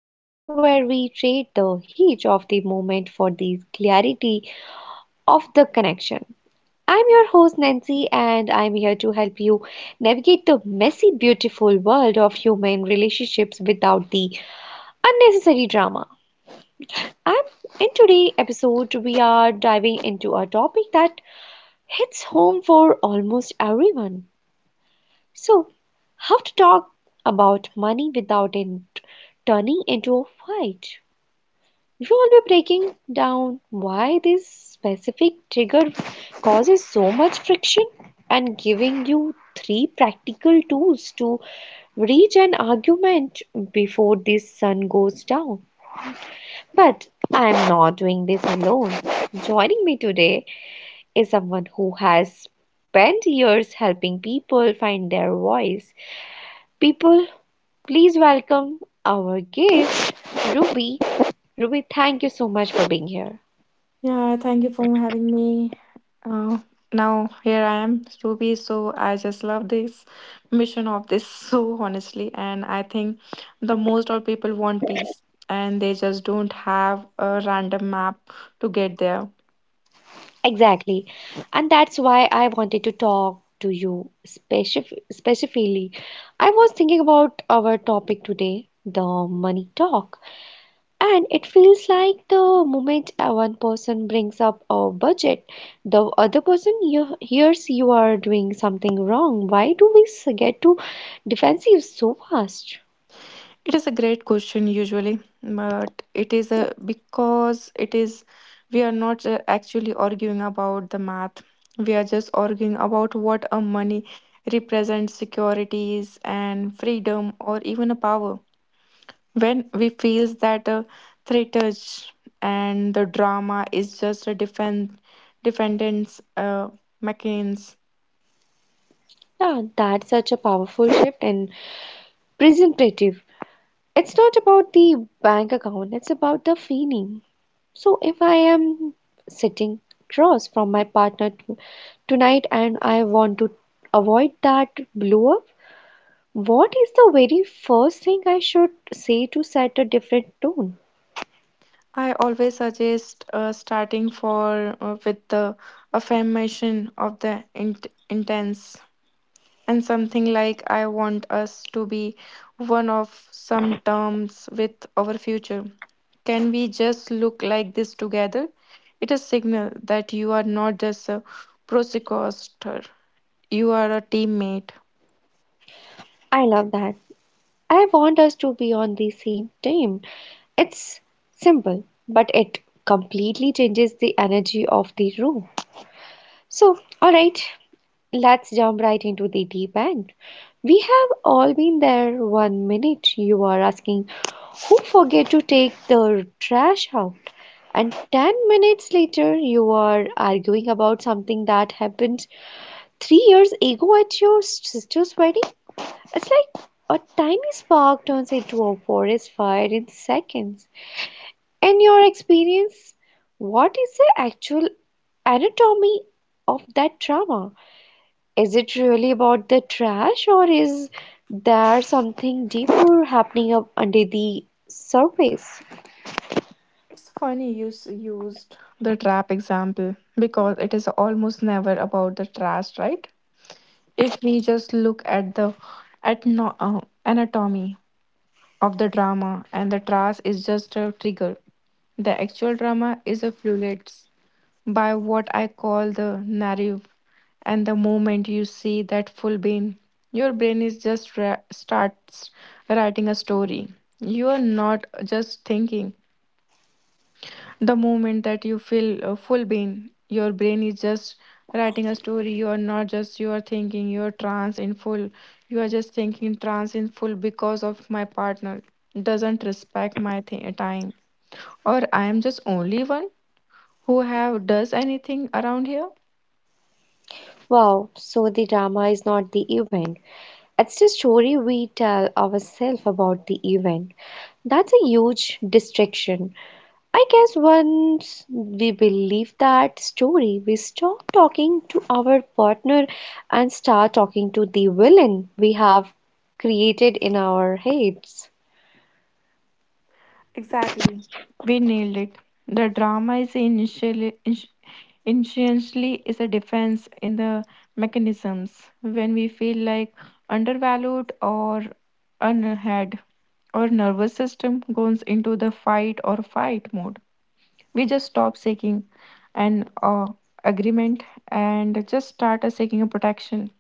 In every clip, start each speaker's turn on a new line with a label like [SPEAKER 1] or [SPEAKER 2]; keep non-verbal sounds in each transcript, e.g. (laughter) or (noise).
[SPEAKER 1] the show where we trade the heat of the moment for the clarity of the connection. I'm your host Nancy, and I'm here to help you navigate the messy, beautiful world of human relationships without the unnecessary drama. And in today's episode, we are diving into a topic that hits home for almost everyone. So, how to talk about money without it turning into a fight? We will be breaking down why this specific trigger causes so much friction and giving you three practical tools to reach an argument before this sun goes down. But I am not doing this alone. Joining me today is someone who has spent years helping people find their voice people. Please welcome our guest, Ruby. Ruby, thank you so much for being here.
[SPEAKER 2] Yeah, thank you for having me. Uh, Now here I am, Ruby. So I just love this mission of this (laughs) so honestly, and I think the most of people want peace, and they just don't have a random map to get there.
[SPEAKER 1] Exactly. And that's why I wanted to talk to you specifically. I was thinking about our topic today, the money talk. And it feels like the moment one person brings up a budget, the other person hears you are doing something wrong. Why do we get too defensive so fast?
[SPEAKER 2] It is a great question usually, but it is a because it is we are not actually arguing about the math. We are just arguing about what a money represents securities and freedom or even a power. When we feels that a threat is- and the drama is just a defendant's uh, mechanism.
[SPEAKER 1] Yeah, that's such a powerful shift in presentative. It's not about the bank account, it's about the feeling. So if I am sitting across from my partner tonight and I want to avoid that blow up, what is the very first thing I should say to set a different tone?
[SPEAKER 2] I always suggest starting for with the affirmation of the intense and something like I want us to be one of some terms with our future. Can we just look like this together? It is signal that you are not just a prosecutor, you are a teammate.
[SPEAKER 1] I love that. I want us to be on the same team. It's simple, but it completely changes the energy of the room. So, all right, let's jump right into the deep end. We have all been there. One minute you are asking who forget to take the trash out, and 10 minutes later you are arguing about something that happened 3 years ago at your sister's wedding. It's like a tiny spark turns into a forest fire in seconds. In your experience, what is the actual anatomy of that trauma? Is it really about the trash, or is there something deeper happening up under the surface?
[SPEAKER 2] It's funny you used the trap example because it is almost never about the trash, right? If we just look at the at no, anatomy of the drama and the trash is just a trigger. The actual drama is a fluid by what I call the narrative, and the moment you see that full bean your brain is just starts writing a story. You are not just thinking the moment that you feel full brain, your brain is just writing a story. You are not just you are thinking you are trans in full. You are just thinking trans in full because of my partner doesn't respect my time, or I am just only one who have does anything around here.
[SPEAKER 1] Wow, so the drama is not the event. It's the story we tell ourselves about the event. That's a huge distraction. I guess once we believe that story, we stop talking to our partner and start talking to the villain we have created in our heads.
[SPEAKER 2] Exactly. We nailed it. The drama is initially is a defense in the mechanisms when we feel like undervalued or unheard. Our nervous system goes into the fight or fight mode. We just stop seeking an agreement and just start seeking a protection.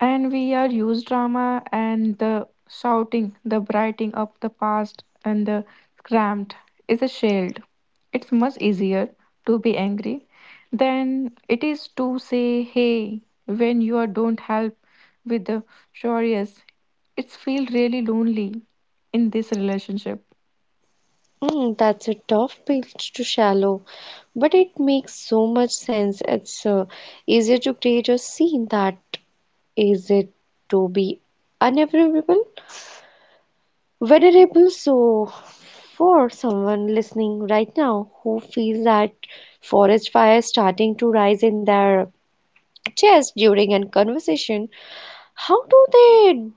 [SPEAKER 2] And we are used drama and the shouting, the brighting up the past and the cramped is a shield. It's much easier to be angry than it is to say hey when you are don't help with the curious. It's feel really lonely in this relationship.
[SPEAKER 1] Mm, that's a tough pitch to shallow, but it makes so much sense. It's easier to create a scene that is it to be unavailable, venerable. So, for someone listening right now who feels that forest fire starting to rise in their chest during a conversation, how do they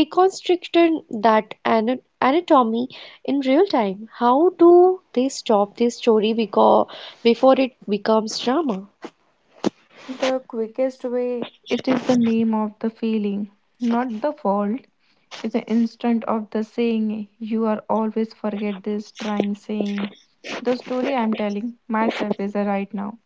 [SPEAKER 1] deconstructed that anatomy in real time. How do they stop this story because before it becomes drama?
[SPEAKER 2] The quickest way it is the name of the feeling, not the fault. It's an instant of the saying, you are always forget this, trying saying. The story I'm telling myself is a right now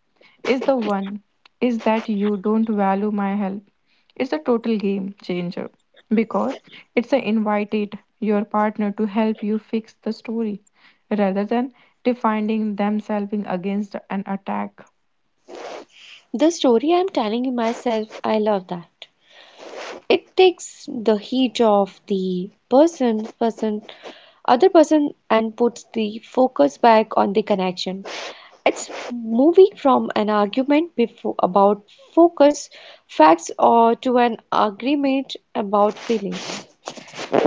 [SPEAKER 2] is the one is that you don't value my help. It's a total game changer because it's a invited your partner to help you fix the story rather than defining themselves against an attack.
[SPEAKER 1] The story I'm telling you myself, I love that. It takes the heat of the other person, and puts the focus back on the connection. It's moving from an argument before about focus, facts, or to an agreement about feelings. So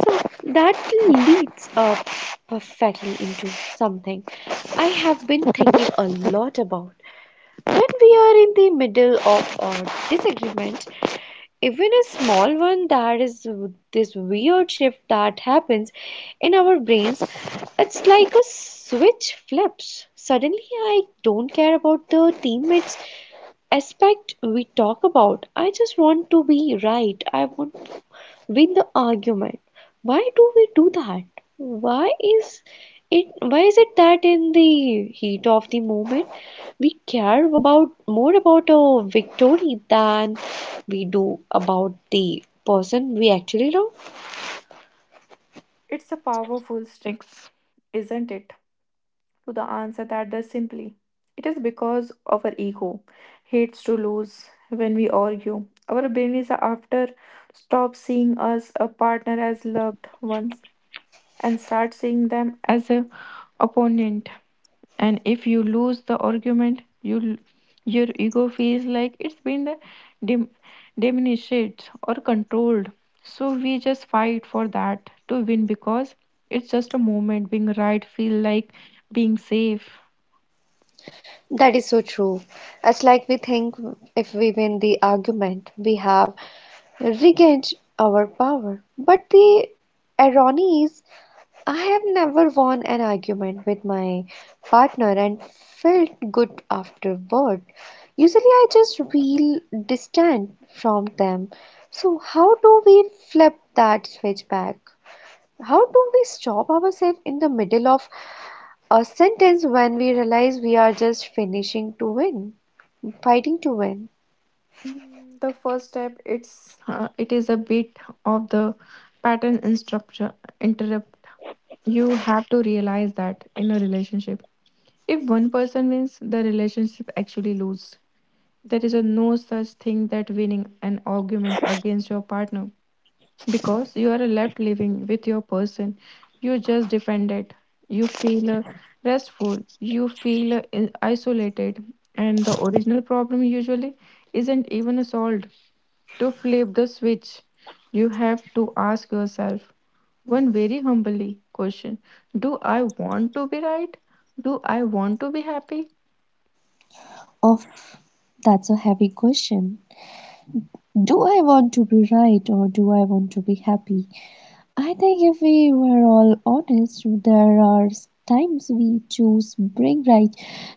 [SPEAKER 1] that leads up perfectly into something I have been thinking a lot about. When we are in the middle of a disagreement, even a small one, there is this weird shift that happens in our brains. It's like a switch flips. Suddenly, I don't care about the teammates aspect we talk about. I just want to be right. I want with the argument. Why do we do that? Why is it why is it that in the heat of the moment we care about more about a victory than we do about the person we actually love?
[SPEAKER 2] It's a powerful sticks, isn't it? To the answer that does simply. It is because of our ego hates to lose when we argue. Our brain is after stop seeing us a partner as loved ones and start seeing them as a opponent, and if you lose the argument you your ego feels like it's been the dim- diminished or controlled, so we just fight for that to win because it's just a moment being right feel like being safe.
[SPEAKER 1] That is so true. It's like we think if we win the argument, we have regained our power. But the irony is I have never won an argument with my partner and felt good afterward. Usually, I just feel distant from them. So, how do we flip that switch back? How do we stop ourselves in the middle of a sentence when we realize we are just fighting to win?
[SPEAKER 2] Mm, the first step it's it is a bit of the pattern instruction interrupt. You have to realize that in a relationship, if one person wins, the relationship actually loses. There is a no such thing that winning an argument against your partner because you are left living with your person. You just defended. You feel restful. You feel isolated, and the original problem usually isn't even solved. To flip the switch, you have to ask yourself one very humbly question. Do I want to be right? Do I want to be happy?
[SPEAKER 1] Oof, that's a heavy question. Do I want to be right or do I want to be happy? I think if we were all honest, there are times we choose brain right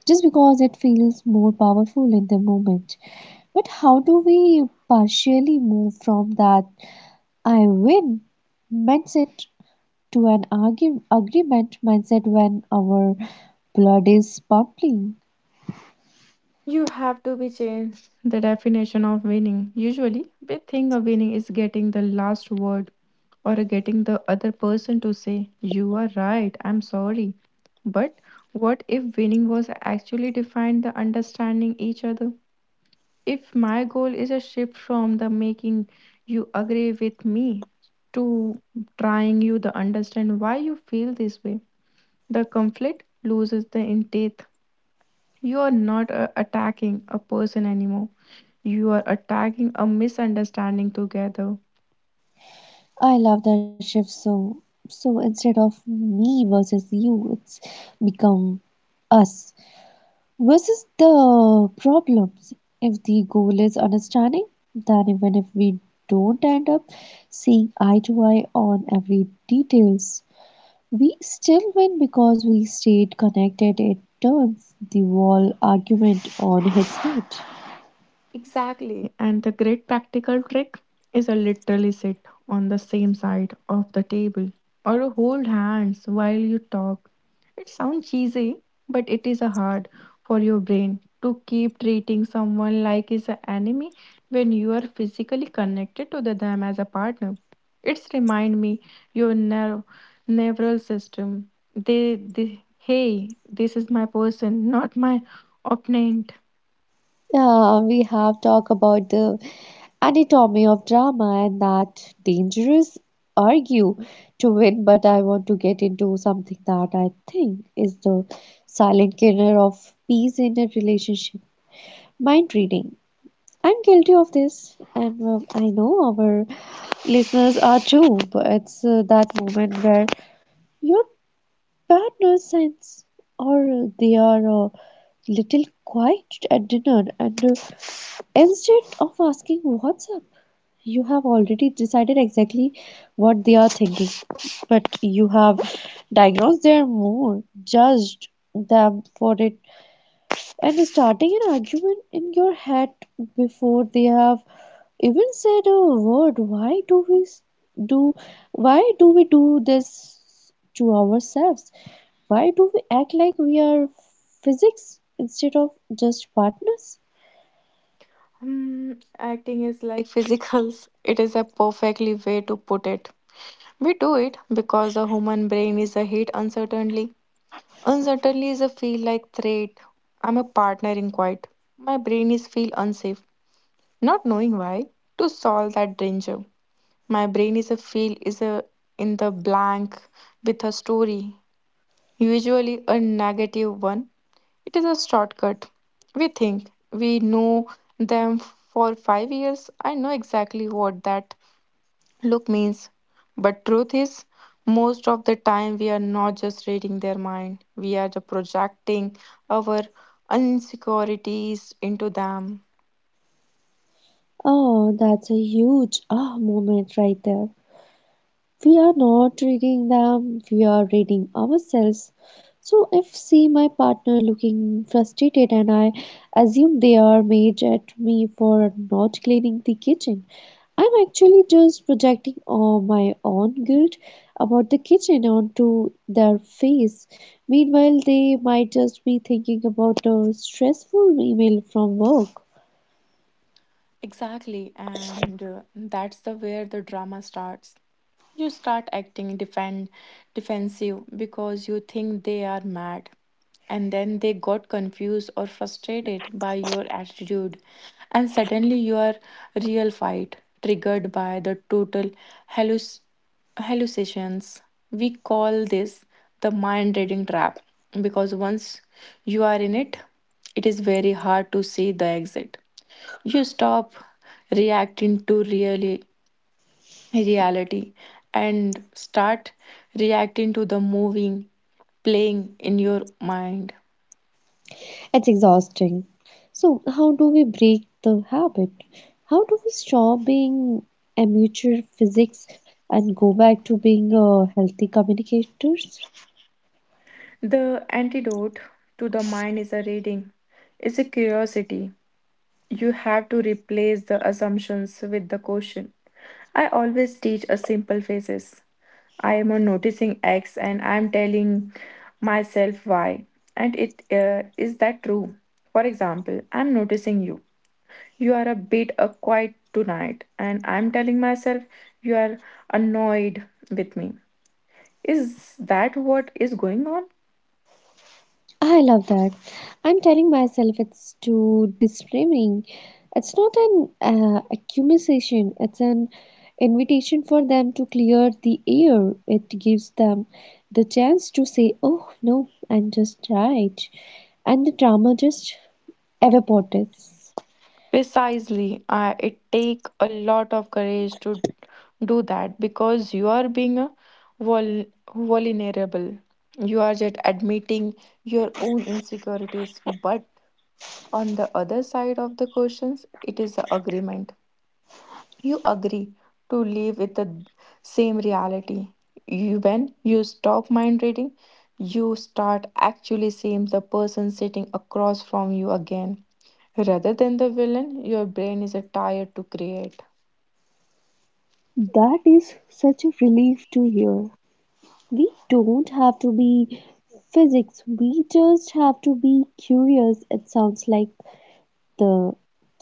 [SPEAKER 1] just because it feels more powerful in the moment. But how do we partially move from that I win mindset to an agreement mindset when our blood is pumping?
[SPEAKER 2] You have the definition of winning. Usually, we think of winning is getting the last word or getting the other person to say, you are right, I'm sorry. But what if winning was actually defined the understanding each other? If my goal is a shift from the making you agree with me to trying you to understand why you feel this way, the conflict loses the intent. You are not attacking a person anymore. You are attacking a misunderstanding together.
[SPEAKER 1] I love that shift so instead of me versus you, it's become us versus the problems. If the goal is understanding, then even if we don't end up seeing eye to eye on every details, we still win because we stayed connected. It turns the wall argument on its head.
[SPEAKER 2] Exactly. And the great practical trick is a literally sit on the same side of the table or hold hands while you talk. It sounds cheesy, but it is a hard for your brain to keep treating someone like is an enemy when you are physically connected to the them as a partner. It's remind me your nerve neural system. They hey, this is my person, not my opponent.
[SPEAKER 1] Yeah, we have talked about the anatomy of drama and that dangerous argue to win, but I want to get into something that I think is the silent killer of peace in a relationship. Mind reading. I'm guilty of this, and I know our listeners are too, but it's that moment where your partner sense or they are a little quiet at dinner and instead of asking what's up, you have already decided exactly what they are thinking, but you have diagnosed their mood, judged them for it, and starting an argument in your head before they have even said a word. Why do we s- do? Why do we do this to ourselves? Why do we act like we are physics instead of just partners?
[SPEAKER 2] Hmm, acting is like physicals. (laughs) It is a perfectly way to put it. We do it because the human brain is a hit uncertainly. Uncertainly is a feel like threat. I'm a partner in quiet. My brain is feel unsafe, not knowing why. To solve that danger, my brain is a feel is a in the blank with a story, usually a negative one. It is a shortcut. We think we know them for 5 years. I know exactly what that look means. But truth is, most of the time we are not just reading their mind. We are the projecting our insecurities into them.
[SPEAKER 1] Oh, that's a huge ah moment right there. We are not reading them, we are reading ourselves. So if see my partner looking frustrated and I assume they are mad at me for not cleaning the kitchen, I'm actually just projecting all my own guilt about the kitchen onto their face. Meanwhile, they might just be thinking about a stressful email from work.
[SPEAKER 2] Exactly, and that's the where the drama starts. You start acting defend defensive because you think they are mad, and then they got confused or frustrated by your attitude, and suddenly your real fight triggered by the total halluc- hallucinations. We call this the mind reading trap because once you are in it, it is very hard to see the exit. You stop reacting to really reality and start reacting to the moving playing in your mind.
[SPEAKER 1] It's exhausting. So, how do we break the habit? How do we stop being amateur physics and go back to being healthy communicators?
[SPEAKER 2] The antidote to the mind is a reading is a curiosity. You have to replace the assumptions with the question. I always teach a simple phases: I am on noticing X and I am telling myself Y. And it is that true? For example, I'm noticing you. You are a bit quiet tonight, and I'm telling myself you are annoyed with me. Is that what is going on?
[SPEAKER 1] I love that. I'm telling myself it's too disarming. It's not an accusation, it's an invitation for them to clear the air. It gives them the chance to say, "Oh, no, I'm just tired." And the drama just evaporates.
[SPEAKER 2] Precisely. I it take a lot of courage to do that because you are being a vul- vulnerable. You are just admitting your own insecurities. But on the other side of the questions, it is the agreement you agree to live with the same reality. You, when you stop mind reading, you start actually seeing the person sitting across from you again. Rather than the villain, your brain is a tired to create.
[SPEAKER 1] That is such a relief to hear. We don't have to be physics, we just have to be curious. It sounds like the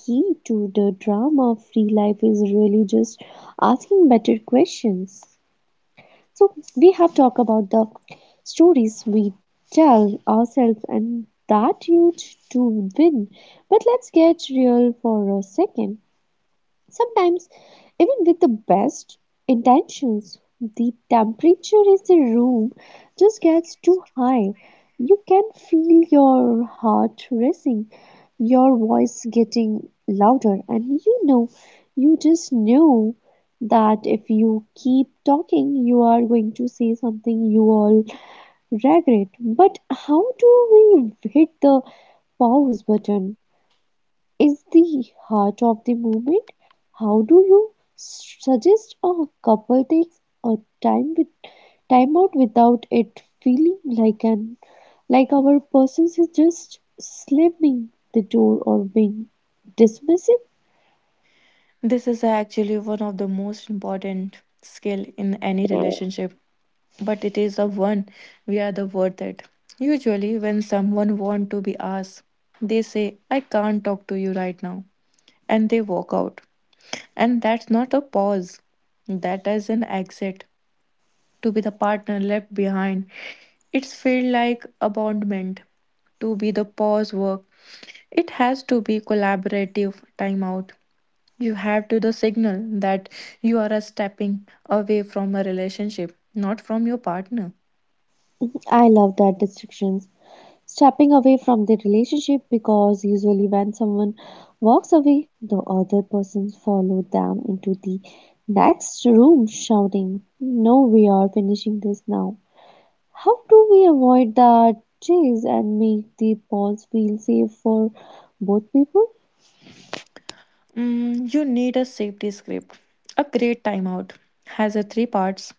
[SPEAKER 1] key to the drama of free life is really just asking better questions. So, we have talked about the stories we tell ourselves and that huge to win. But let's get real for a second. Sometimes, even with the best intentions, the temperature in the room just gets too high. You can feel your heart racing, your voice getting louder, and you know, you just know that if you keep talking, you are going to say something you all regret. But how do we hit the pause button? Is the heart of the movement. How do you suggest a couple takes a time with time out without it feeling like our person is just slamming the door or being dismissive?
[SPEAKER 2] This is actually one of the most important skill in any relationship, but it is the one we are the worth it. Usually when someone want to be asked, they say, I can't talk to you right now, and they walk out. And that's not a pause. That is an exit to be the partner left behind. It's feel like abandonment to be the pause work. It has to be collaborative timeout. You have to the signal that you are a stepping away from a relationship, not from your partner.
[SPEAKER 1] I love that distractions. Stepping away from the relationship because usually when someone walks away, the other person follow them into the next room shouting, "No, we are finishing this now." How do we avoid the chase and make the pause feel safe for both people?
[SPEAKER 2] Mm, you need a safety script. A great timeout has a three parts: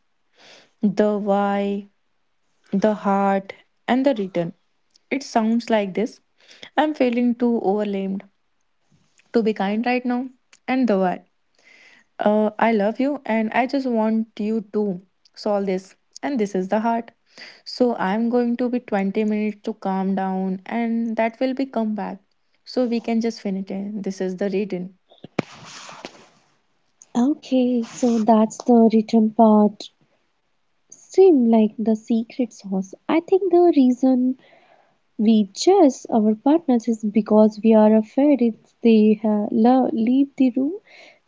[SPEAKER 2] the why, the heart, and the return. It sounds like this: I'm feeling too overwhelmed to be kind right now, and the why. I love you and I just want you to solve this. And this is the heart. So I'm going to be 20 minutes to calm down and that will be come back. So we can just finish it. This is the reading.
[SPEAKER 1] Okay, so that's the written part. Seem like the secret sauce. I think the reason we chase our partners is because we are afraid if they leave the room,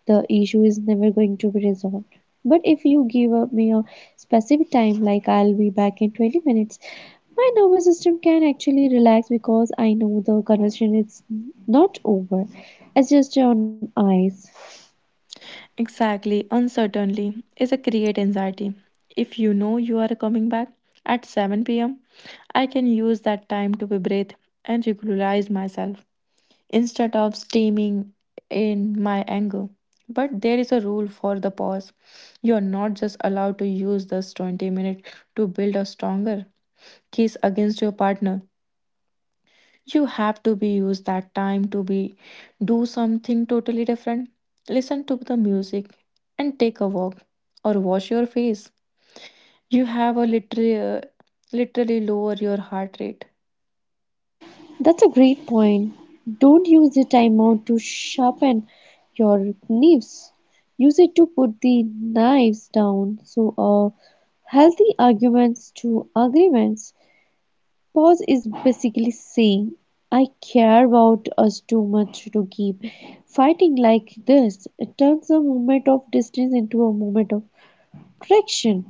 [SPEAKER 1] the issue is never going to be resolved. But if you give up me a specific time, like I'll be back in 20 minutes, my nervous system can actually relax because I know the conversation is not over. It's just on ice.
[SPEAKER 2] Exactly. Uncertainty is a create anxiety. If you know you are coming back at 7 p.m., I can use that time to be breathe and regularize myself, instead of steaming in my anger. But there is a rule for the pause. You are not just allowed to use this 20 minutes to build a stronger case against your partner. You have to be use that time to be do something totally different. Listen to the music and take a walk or wash your face. You have a literally lower your heart rate.
[SPEAKER 1] That's a great point. Don't use the timeout to sharpen your knives. Use it to put the knives down. So, healthy arguments to agreements. Pause is basically saying, I care about us too much to keep fighting like this. It turns a moment of distance into a moment of correction.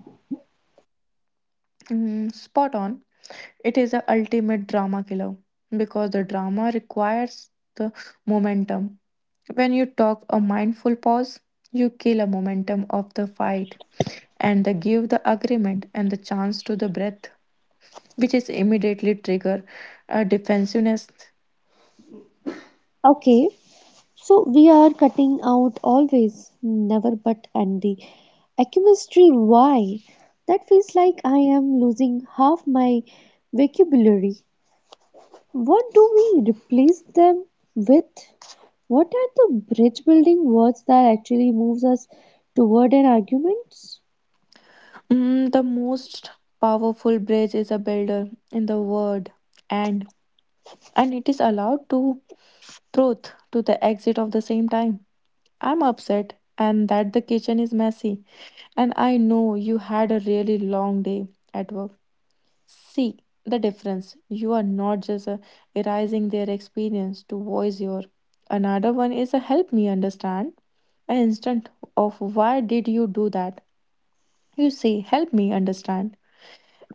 [SPEAKER 2] Mm, spot on. It is a ultimate drama killer because the drama requires the momentum. When you talk a mindful pause, you kill a momentum of the fight and the give the agreement and the chance to the breath, which is immediately trigger a defensiveness.
[SPEAKER 1] Okay, so we are cutting out always, never, but, and the chemistry. Why? That feels like I am losing half my vocabulary. What do we replace them with? What are the bridge building words that actually moves us toward an argument?
[SPEAKER 2] Mm, the most powerful bridge is a builder in the word and and it is allowed to truth to the exit of the same time. I'm upset and that the kitchen is messy. And I know you had a really long day at work. See the difference. You are not just erasing their experience to voice your. Another one is a help me understand. An instant of why did you do that? You say, help me understand.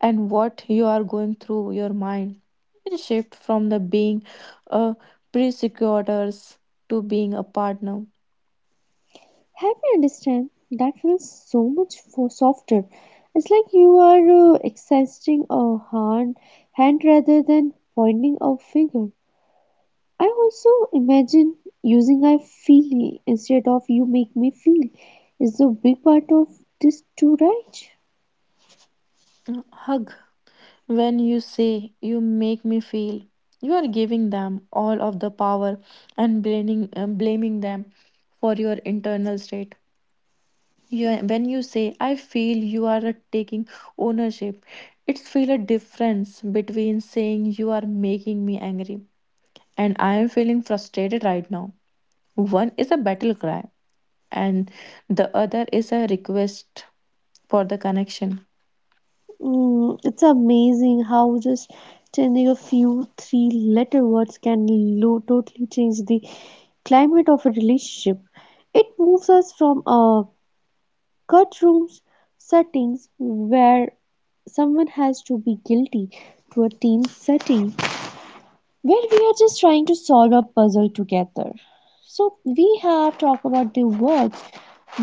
[SPEAKER 2] And what you are going through your mind. And shift from the being a persecutors to being a partner.
[SPEAKER 1] Help me understand. That feels so much for softer. It's like you are extending a hand rather than pointing a finger. I also imagine using I feel instead of you make me feel is a big part of this too, right?
[SPEAKER 2] Hug. When you say, "You make me feel," you are giving them all of the power and blaming, blaming them for your internal state. You, when you say, "I feel," you are taking ownership. It's feel a difference between saying, "You are making me angry" and "I am feeling frustrated right now." One is a battle cry, and the other is a request for the connection.
[SPEAKER 1] Mm, it's amazing how just changing a few three letter words can totally change the climate of a relationship. It moves us from a Cut rooms settings where someone has to be guilty to a team setting where we are just trying to solve a puzzle together. So we have talked about the words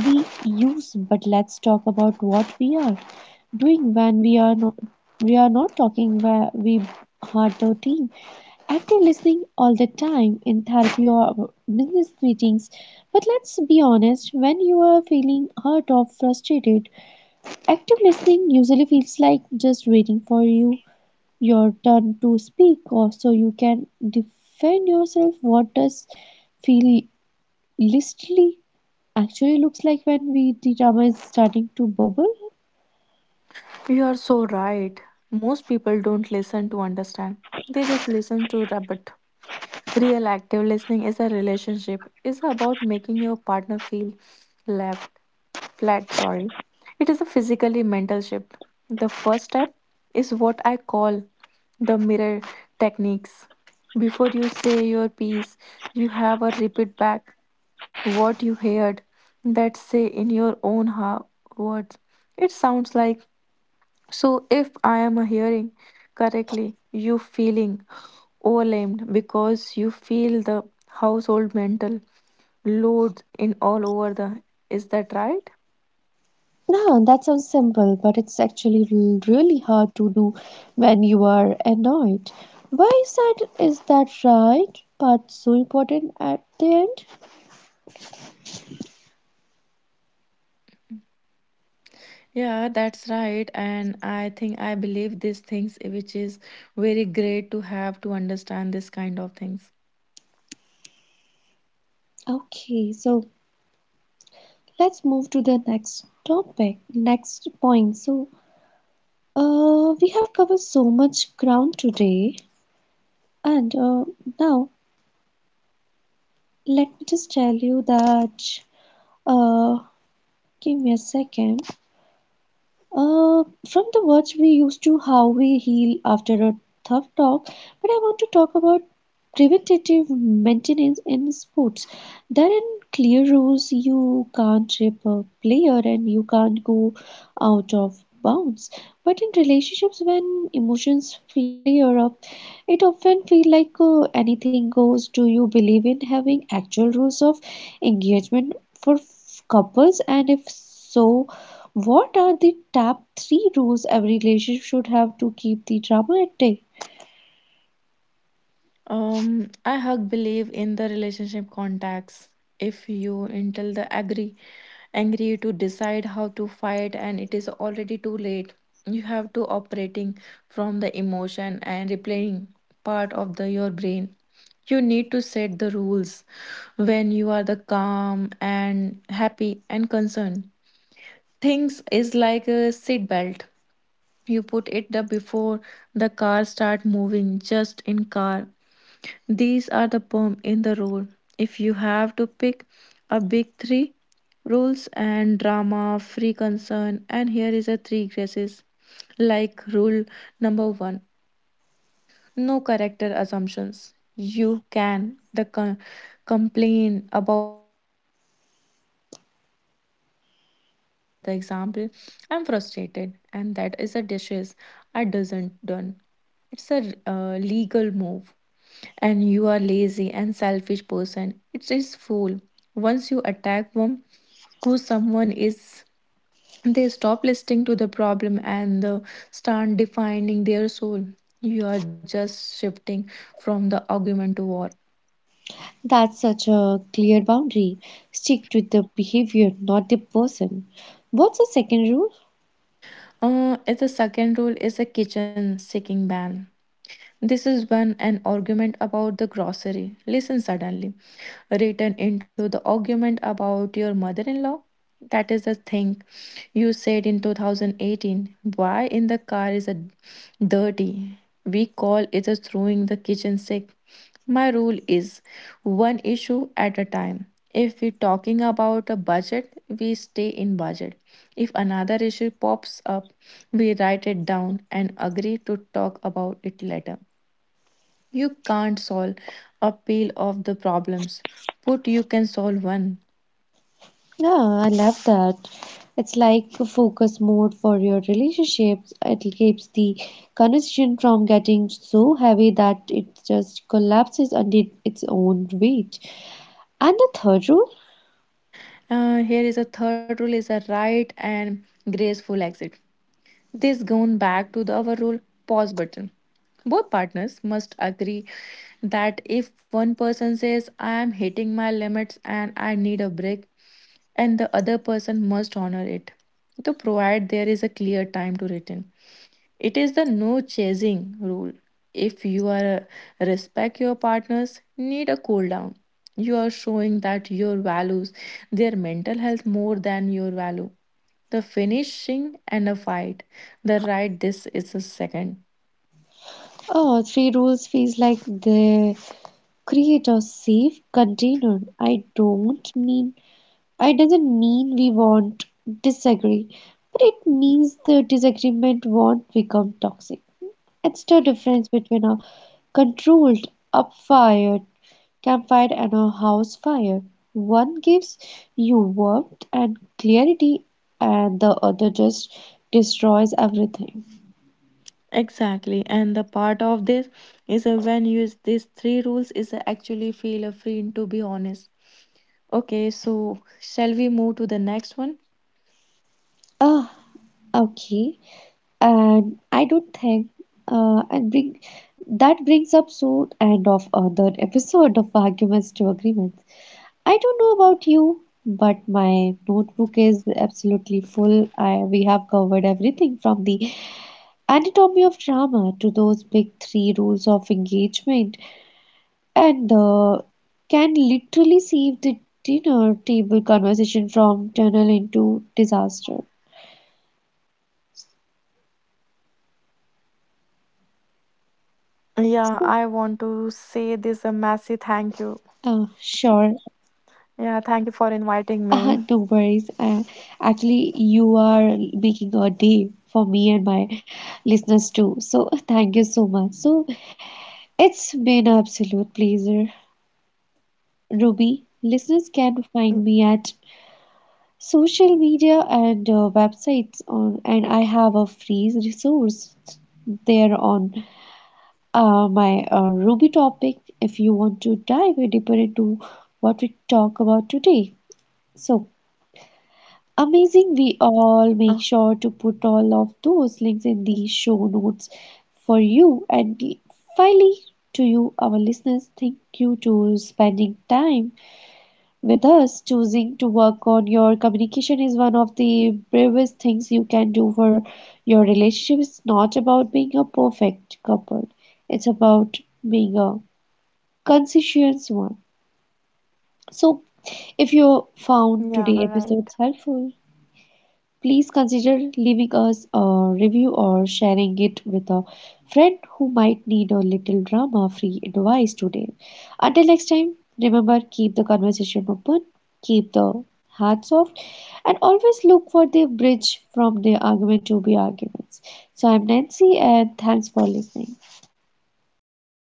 [SPEAKER 1] we use, but let's talk about what we are doing when we are not talking where we are the team. Active listening all the time in therapy or business meetings. But let's be honest, when you are feeling hurt or frustrated, active listening usually feels like just waiting for your turn to speak or so you can defend yourself. What does feel listly actually looks like when we the drama is starting to bubble.
[SPEAKER 2] You are so right. Most people don't listen to understand. They just listen to rabbit. Real active listening is a relationship. It's about making your partner feel left flat, sorry. It is a physically mental shift. The first step is what I call the mirror techniques. Before you say your piece, you have a repeat back what you heard that say in your own words. It sounds like so, if I am hearing correctly, you feeling overwhelmed because you feel the household mental load in all over the. Is that right?
[SPEAKER 1] No, that sounds simple, but it's actually really hard to do when you are annoyed. Why is that? Is that right? But so important at the end.
[SPEAKER 2] Yeah, that's right. And I think I believe these things, which is very great to have to understand this kind of things.
[SPEAKER 1] Okay, so let's move to the next topic, next point. We have covered so much ground today, and now let me just tell you that. Uh, Give me a second. From the words we use to how we heal after a tough talk, but I want to talk about preventative maintenance in sports. There are clear rules you can't rip a player and you can't go out of bounds. But in relationships, when emotions flare up, it often feels like anything goes. Do you believe in having actual rules of engagement for couples? And if so, what are the top three rules every relationship should have to keep the drama at bay?
[SPEAKER 2] I hug believe in the relationship contacts. If you until the agree angry to decide how to fight and it is already too late. You have to operating from the emotion and replaying part of the your brain. You need to set the rules when you are the calm and happy and concerned. Things is like a seat belt. You put it the before the car start moving just in car these are the perm in the role. If you have to pick a big three rules and drama, free concern, and here is a three graces. Like rule number one, no character assumptions. You can complain about the action, but you can attack a personality. For the example, "I'm frustrated, and that is a dishes I doesn't done." It's a legal move, and "you are lazy and selfish person." It is fool. Once you attack them, who someone is, they stop listening to the problem and start defining their soul. You are just shifting from the argument to war.
[SPEAKER 1] That's such a clear boundary. Stick to the behavior, not the person. What's the second rule?
[SPEAKER 2] It's the second rule is a kitchen seeking ban. This is when an argument about the grocery, listen suddenly, written into the argument about your mother in law. That is the thing you said in 2018. Why in the car is a dirty? We call it a throwing the kitchen sick. My rule is one issue at a time. If we're talking about a budget, we stay in budget. If another issue pops up, we write it down and agree to talk about it later. You can't solve a pile of the problems, but you can solve one.
[SPEAKER 1] Yeah, I love that. It's like a focus mode for your relationships. It keeps the conversation from getting so heavy that it just collapses under its own weight. And the third rule?
[SPEAKER 2] Here is a third rule is a right and graceful exit. This goes back to the our rule pause button. Both partners must agree that if one person says, "I am hitting my limits and I need a break," and the other person must honor it, to provide there is a clear time to return. It is the no chasing rule. If you are a, respect your partners, need a cool down. You are showing that your values their mental health more than your value the finishing and a fight the right this is a second.
[SPEAKER 1] Oh, three rules feels like they create a safe container. I doesn't mean we won't disagree, but it means the disagreement won't become toxic. It's the difference between a controlled up fire campfire and a house fire. One gives you warmth and clarity and the other just destroys everything.
[SPEAKER 2] Exactly, and the part of this is when you use these three rules is actually feel free to be honest. Okay, so shall we move to the next one?
[SPEAKER 1] Ah, okay. and I don't think and bring that brings up so end of another episode of Arguments to Agreements. I don't know about you, but my notebook is absolutely full. I We have covered everything from the anatomy of drama to those big three rules of engagement, and can literally save the dinner table conversation from tunnel into disaster.
[SPEAKER 2] Yeah, I want to say this a
[SPEAKER 1] So,
[SPEAKER 2] massive thank you. Yeah, thank you for
[SPEAKER 1] sure.
[SPEAKER 2] inviting me.
[SPEAKER 1] No worries. Actually, you are making a day for me and my listeners too. So, thank you so much. So, it's been an absolute pleasure. Ruby, listeners can find me at social media and websites on, and I have a free resource there on my Ruby topic if you want to dive deeper into what we talk about today. So, amazing,
[SPEAKER 2] (laughs) Uh,
[SPEAKER 1] we all make sure to put all of those links in the show notes for you. And finally, to you, our listeners, thank you to spending time with us. Choosing to work on your communication is one of the bravest things you can do for your relationship. It's not about being a perfect couple, it's about being a conscientious one.
[SPEAKER 2] yeah,
[SPEAKER 1] So,
[SPEAKER 2] all right.
[SPEAKER 1] if you found today's episode helpful, please consider leaving us a review or sharing it with a friend who might need a little drama free advice today. Until next time, remember keep the conversation open, keep the heart soft, and always look for the bridge from the argument to be arguments. So I'm Nancy, and thanks for listening.